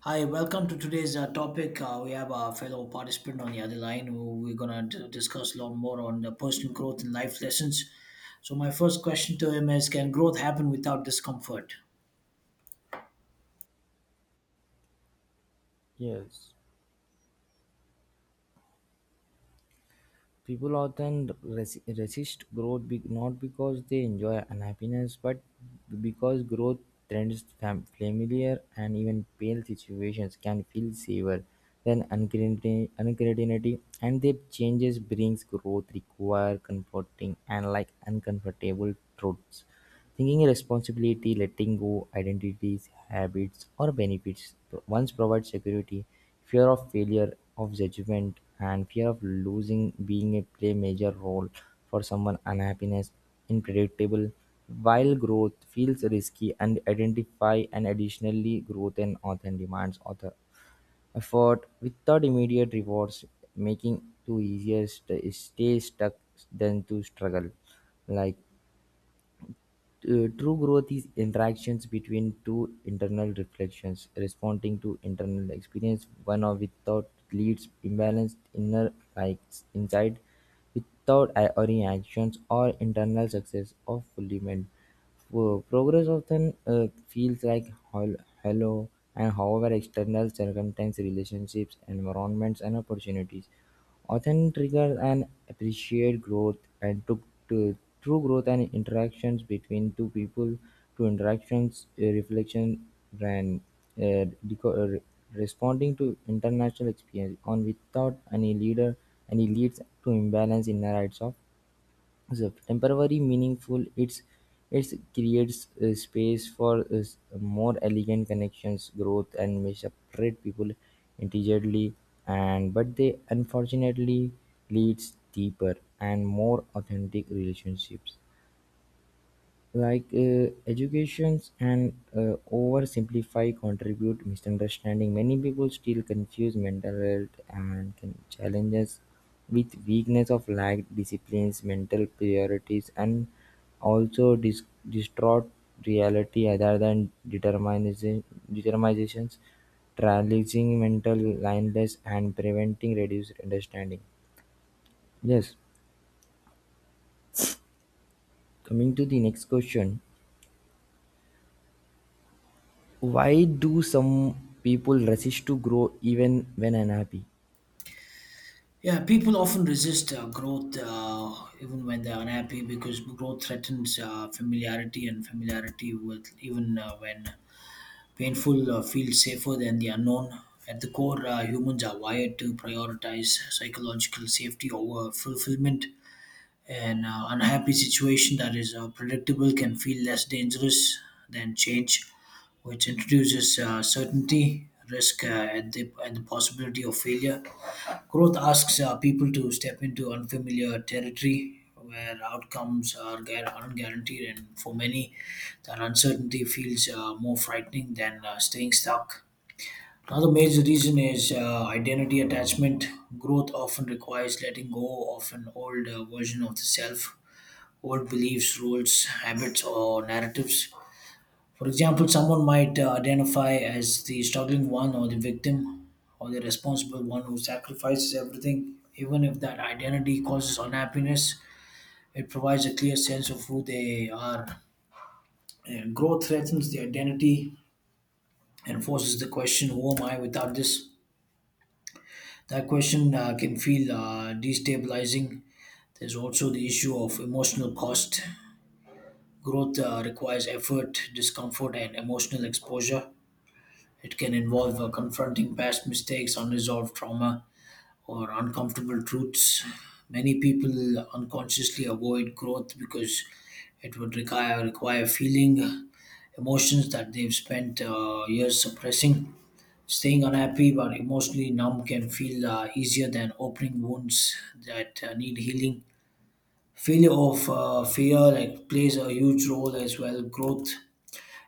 Hi, welcome to today's topic. We have a fellow participant on the other line who we're going to discuss a lot more on the personal growth and life lessons. So, my first question to him is, can growth happen without discomfort? Yes, people often resist growth not because they enjoy unhappiness, but because growth trends, familiar, and even pale situations can feel safer than uncertainty, and their changes brings growth require comforting and like uncomfortable truths. Thinking responsibility, letting go, identities, habits or benefits once provide security, fear of failure, of judgment, and fear of losing being a play major role for someone unhappiness, unpredictable, while growth feels risky and identify and additionally growth and often demands author effort without immediate rewards, making to easier stay stuck than to struggle like true growth is interactions between two internal reflections, responding to internal experience, one or without leads imbalanced inner likes inside without any actions or internal success of fulfillment. Progress often feels like hollow, and however, external circumstances, relationships, environments, and opportunities often trigger and appreciate growth and to true growth and interactions between two people to interactions, a reflection and uh, deco- uh, re- responding to international experience on without any leader any leads to imbalance in the rights of so temporary meaningful it's it creates a space for more elegant connections growth and may separate people intelligently and but they unfortunately leads deeper and more authentic relationships like educations and oversimplify contribute misunderstanding many people still confuse mental health and can challenges with weakness of lack disciplines mental priorities and also distraught reality other than determinism determinations trailing mental lineless and preventing reduced understanding. Yes, coming to the next question. Why do some people resist to grow even when unhappy? Yeah, people often resist growth even when they're unhappy because growth threatens familiarity, and familiarity with even when painful feels safer than the unknown. At the core, humans are wired to prioritize psychological safety over fulfillment. An unhappy situation that is predictable can feel less dangerous than change, which introduces certainty, risk, and the possibility of failure. Growth asks people to step into unfamiliar territory where outcomes are aren't guaranteed, and for many, that uncertainty feels more frightening than staying stuck. Another major reason is identity attachment. Growth often requires letting go of an old version of the self, old beliefs, roles, habits, or narratives. For example, someone might identify as the struggling one or the victim or the responsible one who sacrifices everything. Even if that identity causes unhappiness, it provides a clear sense of who they are. And growth threatens the identity and forces the question, who am I without this? That question can feel destabilizing. There's also the issue of emotional cost. Growth requires effort, discomfort, and emotional exposure. It can involve confronting past mistakes, unresolved trauma, or uncomfortable truths. Many people unconsciously avoid growth because it would require feeling emotions that they've spent years suppressing. Staying unhappy but emotionally numb can feel easier than opening wounds that need healing. Failure of fear like plays a huge role as well. Growth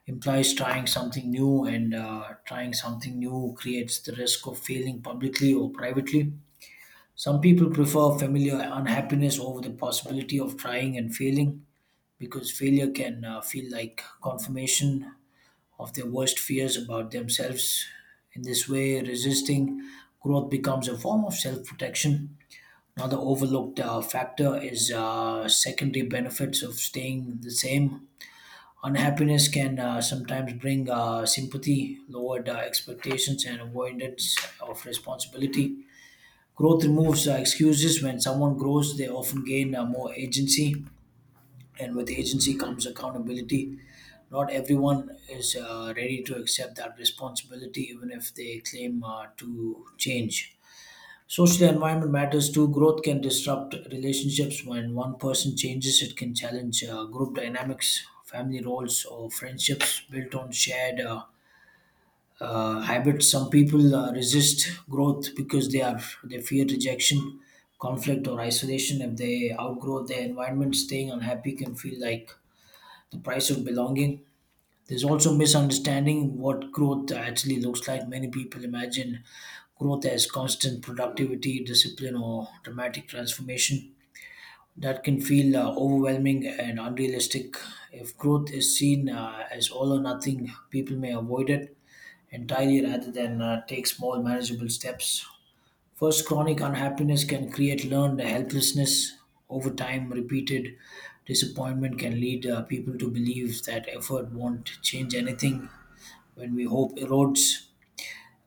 implies trying something new, and trying something new creates the risk of failing publicly or privately. Some people prefer familiar unhappiness over the possibility of trying and failing because failure can feel like confirmation of their worst fears about themselves. In this way, resisting growth becomes a form of self protection. Another overlooked factor is secondary benefits of staying the same. Unhappiness can sometimes bring sympathy, lowered expectations, and avoidance of responsibility. Growth removes excuses. When someone grows, they often gain more agency, and with agency comes accountability. Not everyone is ready to accept that responsibility, even if they claim to change. Social environment matters too. Growth can disrupt relationships when one person changes. It can challenge group dynamics, family roles, or friendships built on shared habits. Some people resist growth because they fear rejection, conflict, or isolation. If they outgrow their environment, staying unhappy can feel like the price of belonging. There's also misunderstanding what growth actually looks like. Many people imagine growth as constant productivity, discipline, or dramatic transformation. That can feel overwhelming and unrealistic. If growth is seen as all or nothing, people may avoid it entirely rather than take small, manageable steps. First, chronic unhappiness can create learned helplessness. Over time, repeated disappointment can lead people to believe that effort won't change anything. When we hope erodes,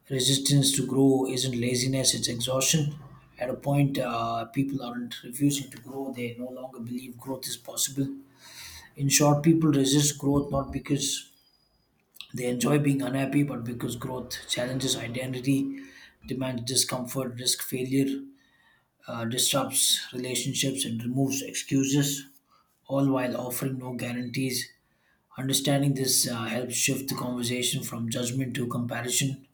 resistance to grow isn't laziness, it's exhaustion. At a point, people aren't refusing to grow, they no longer believe growth is possible. In short, people resist growth not because they enjoy being unhappy, but because growth challenges identity, demands discomfort, risk failure, disrupts relationships, and removes excuses, all while offering no guarantees. Understanding this helps shift the conversation from judgment to comparison,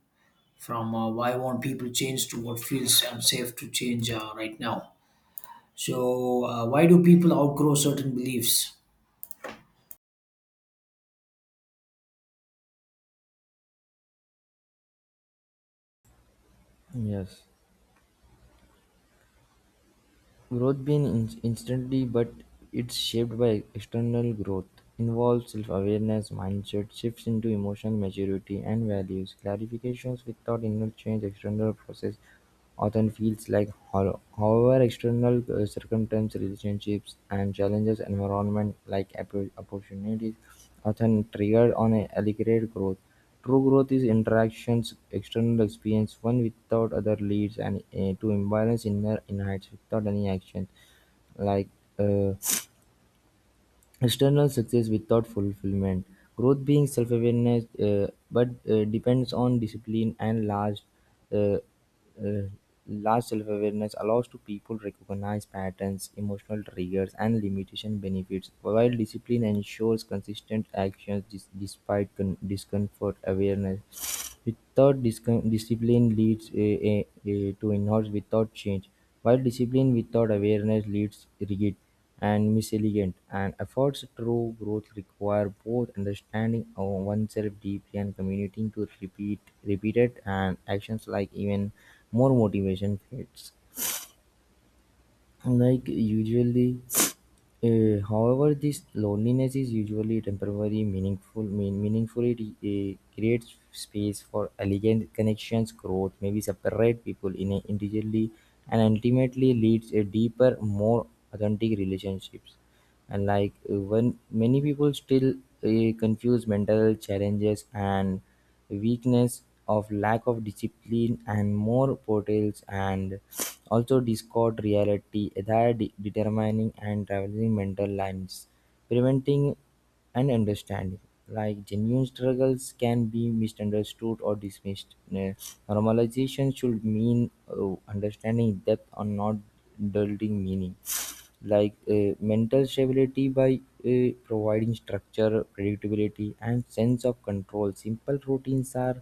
from why won't people change to what feels unsafe to change right now. So, why do people outgrow certain beliefs? Yes. Growth being instantly, but it's shaped by external growth. Involves self awareness, mindset, shifts into emotional maturity and values. Clarifications without inner change, external process often feels like hollow. However, external circumstances, relationships, and challenges, environment like opportunities often triggered on a aggregate growth. True growth is interactions, external experience, one without other leads and to imbalance inner insights without any action. Like uh, external success without fulfillment. Growth being self awareness, but depends on discipline and uh, uh, large self awareness allows to people recognize patterns, emotional triggers, and limitation benefits. While discipline ensures consistent actions despite discomfort, awareness without discipline leads to inert without change, while discipline without awareness leads rigid and miscellient, and efforts true growth require both understanding of oneself deeply and committing to repeated and actions like even more motivation fades. Like usually however, this loneliness is usually temporary, meaningful. Meaningful it creates space for elegant connections, growth, maybe separate people in a individually, and ultimately leads a deeper, more authentic relationships and like when many people still confuse mental challenges and weakness of lack of discipline and more portals and also discord reality that determining and traveling mental lines preventing and understanding like genuine struggles can be misunderstood or dismissed. Normalization should mean understanding depth or not dulling meaning like mental stability by providing structure predictability and sense of control simple routines are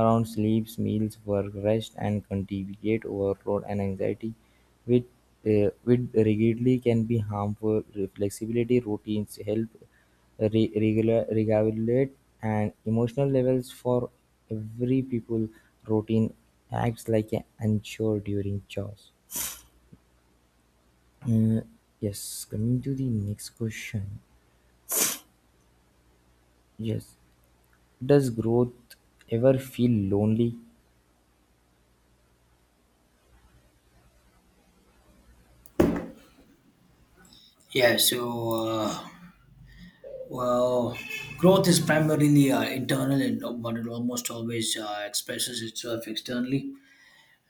around sleeps meals work rest and contribute overload and anxiety which which rigidly can be harmful flexibility routines help regular regulate and emotional levels for every people routine acts like an anchor during chores. uh, yes, coming to the next question. Yes, does growth ever feel lonely? Yeah, so, well, growth is primarily internal, and but it almost always expresses itself externally.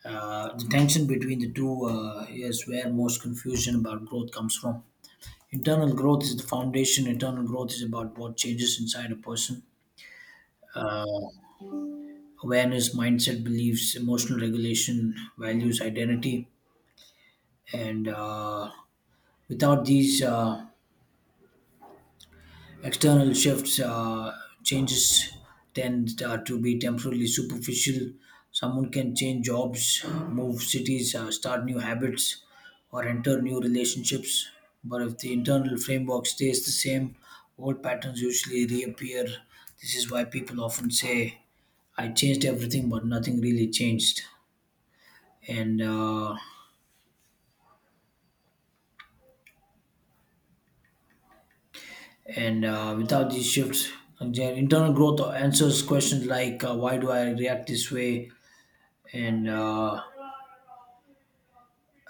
The tension between the two is where most confusion about growth comes from. Internal growth is the foundation. Internal growth is about what changes inside a person. Uh, Awareness, mindset, beliefs, emotional regulation, values, identity. And Without these external shifts, changes tend to be temporarily superficial. Someone can change jobs, move cities, start new habits, or enter new relationships. But if the internal framework stays the same, old patterns usually reappear. This is why people often say, I changed everything, but nothing really changed. And uh, and Without these shifts, their internal growth answers questions like why do I react this way, and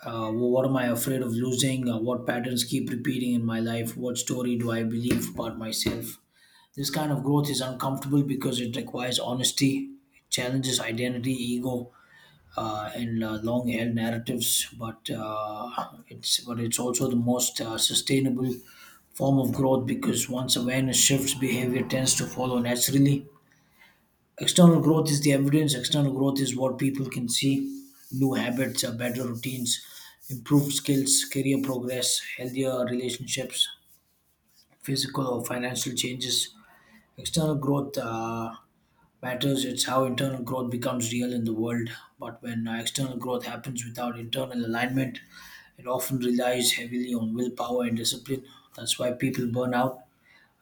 what am I afraid of losing, what patterns keep repeating in my life, what story do I believe about myself? This kind of growth is uncomfortable because it requires honesty, it challenges identity, ego, and long-held narratives, but it's also the most sustainable form of growth because once awareness shifts, behavior tends to follow naturally. External growth is the evidence. External growth is what people can see. New habits, better routines, improved skills, career progress, healthier relationships, physical or financial changes. External growth matters. It's how internal growth becomes real in the world. But when external growth happens without internal alignment, it often relies heavily on willpower and discipline. That's why people burn out,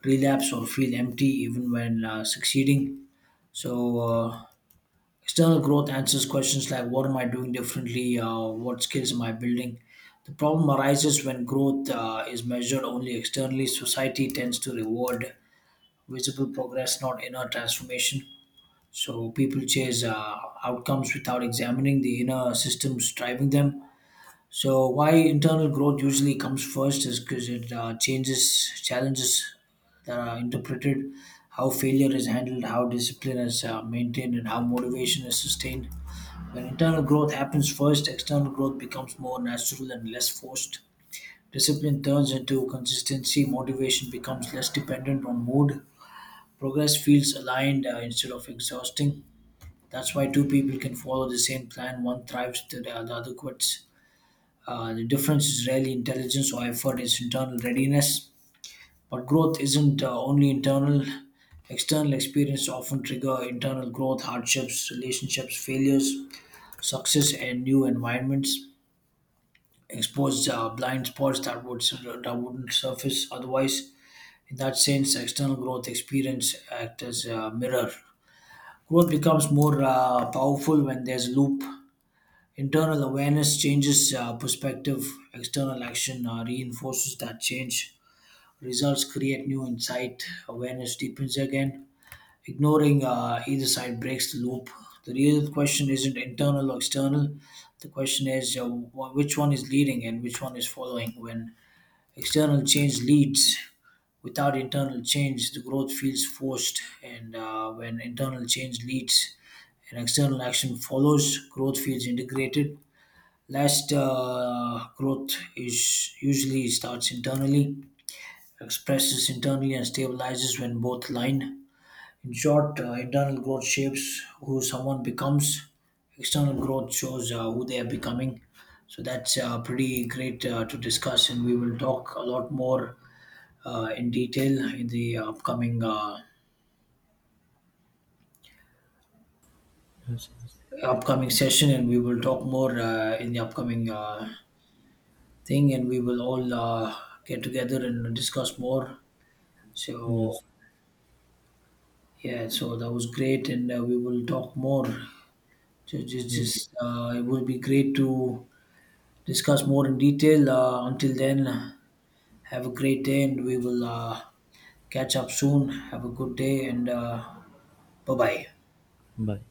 relapse, or feel empty even when succeeding. So, external growth answers questions like what am I doing differently? What skills am I building? The problem arises when growth is measured only externally. Society tends to reward visible progress, not inner transformation. So people chase outcomes without examining the inner systems driving them. So why internal growth usually comes first is because it changes challenges that are interpreted, how failure is handled, how discipline is maintained, and how motivation is sustained. When internal growth happens first, external growth becomes more natural and less forced. Discipline turns into consistency, motivation becomes less dependent on mood, progress feels aligned instead of exhausting. That's why two people can follow the same plan. One thrives, the other quits. The difference is rarely intelligence or effort, it's internal readiness. But growth isn't only internal. External experience often trigger internal growth, hardships, relationships, failures, success, and new environments. Expose blind spots that wouldn't surface otherwise. In that sense, external growth experience act as a mirror. Growth becomes more powerful when there's a loop. Internal awareness changes perspective, external action reinforces that change. Results create new insight, awareness deepens again. Ignoring either side breaks the loop. The real question isn't internal or external. The question is which one is leading and which one is following. When external change leads without internal change, the growth feels forced, and when internal change leads and external action follows, growth feels integrated. Last, growth is usually starts internally, expresses internally, and stabilizes when both align. In short, internal growth shapes who someone becomes. External growth shows who they are becoming. So that's pretty great to discuss, and we will talk a lot more in detail in the Yes, yes, upcoming session, and we will talk more in the upcoming thing, and we will all get together and discuss more. yes. So yeah, so that was great, and we will talk more. Just, just, Yes. just uh, it would be great to discuss more in detail. Until then, have a great day, and we will catch up soon. Have a good day, and bye bye. Bye.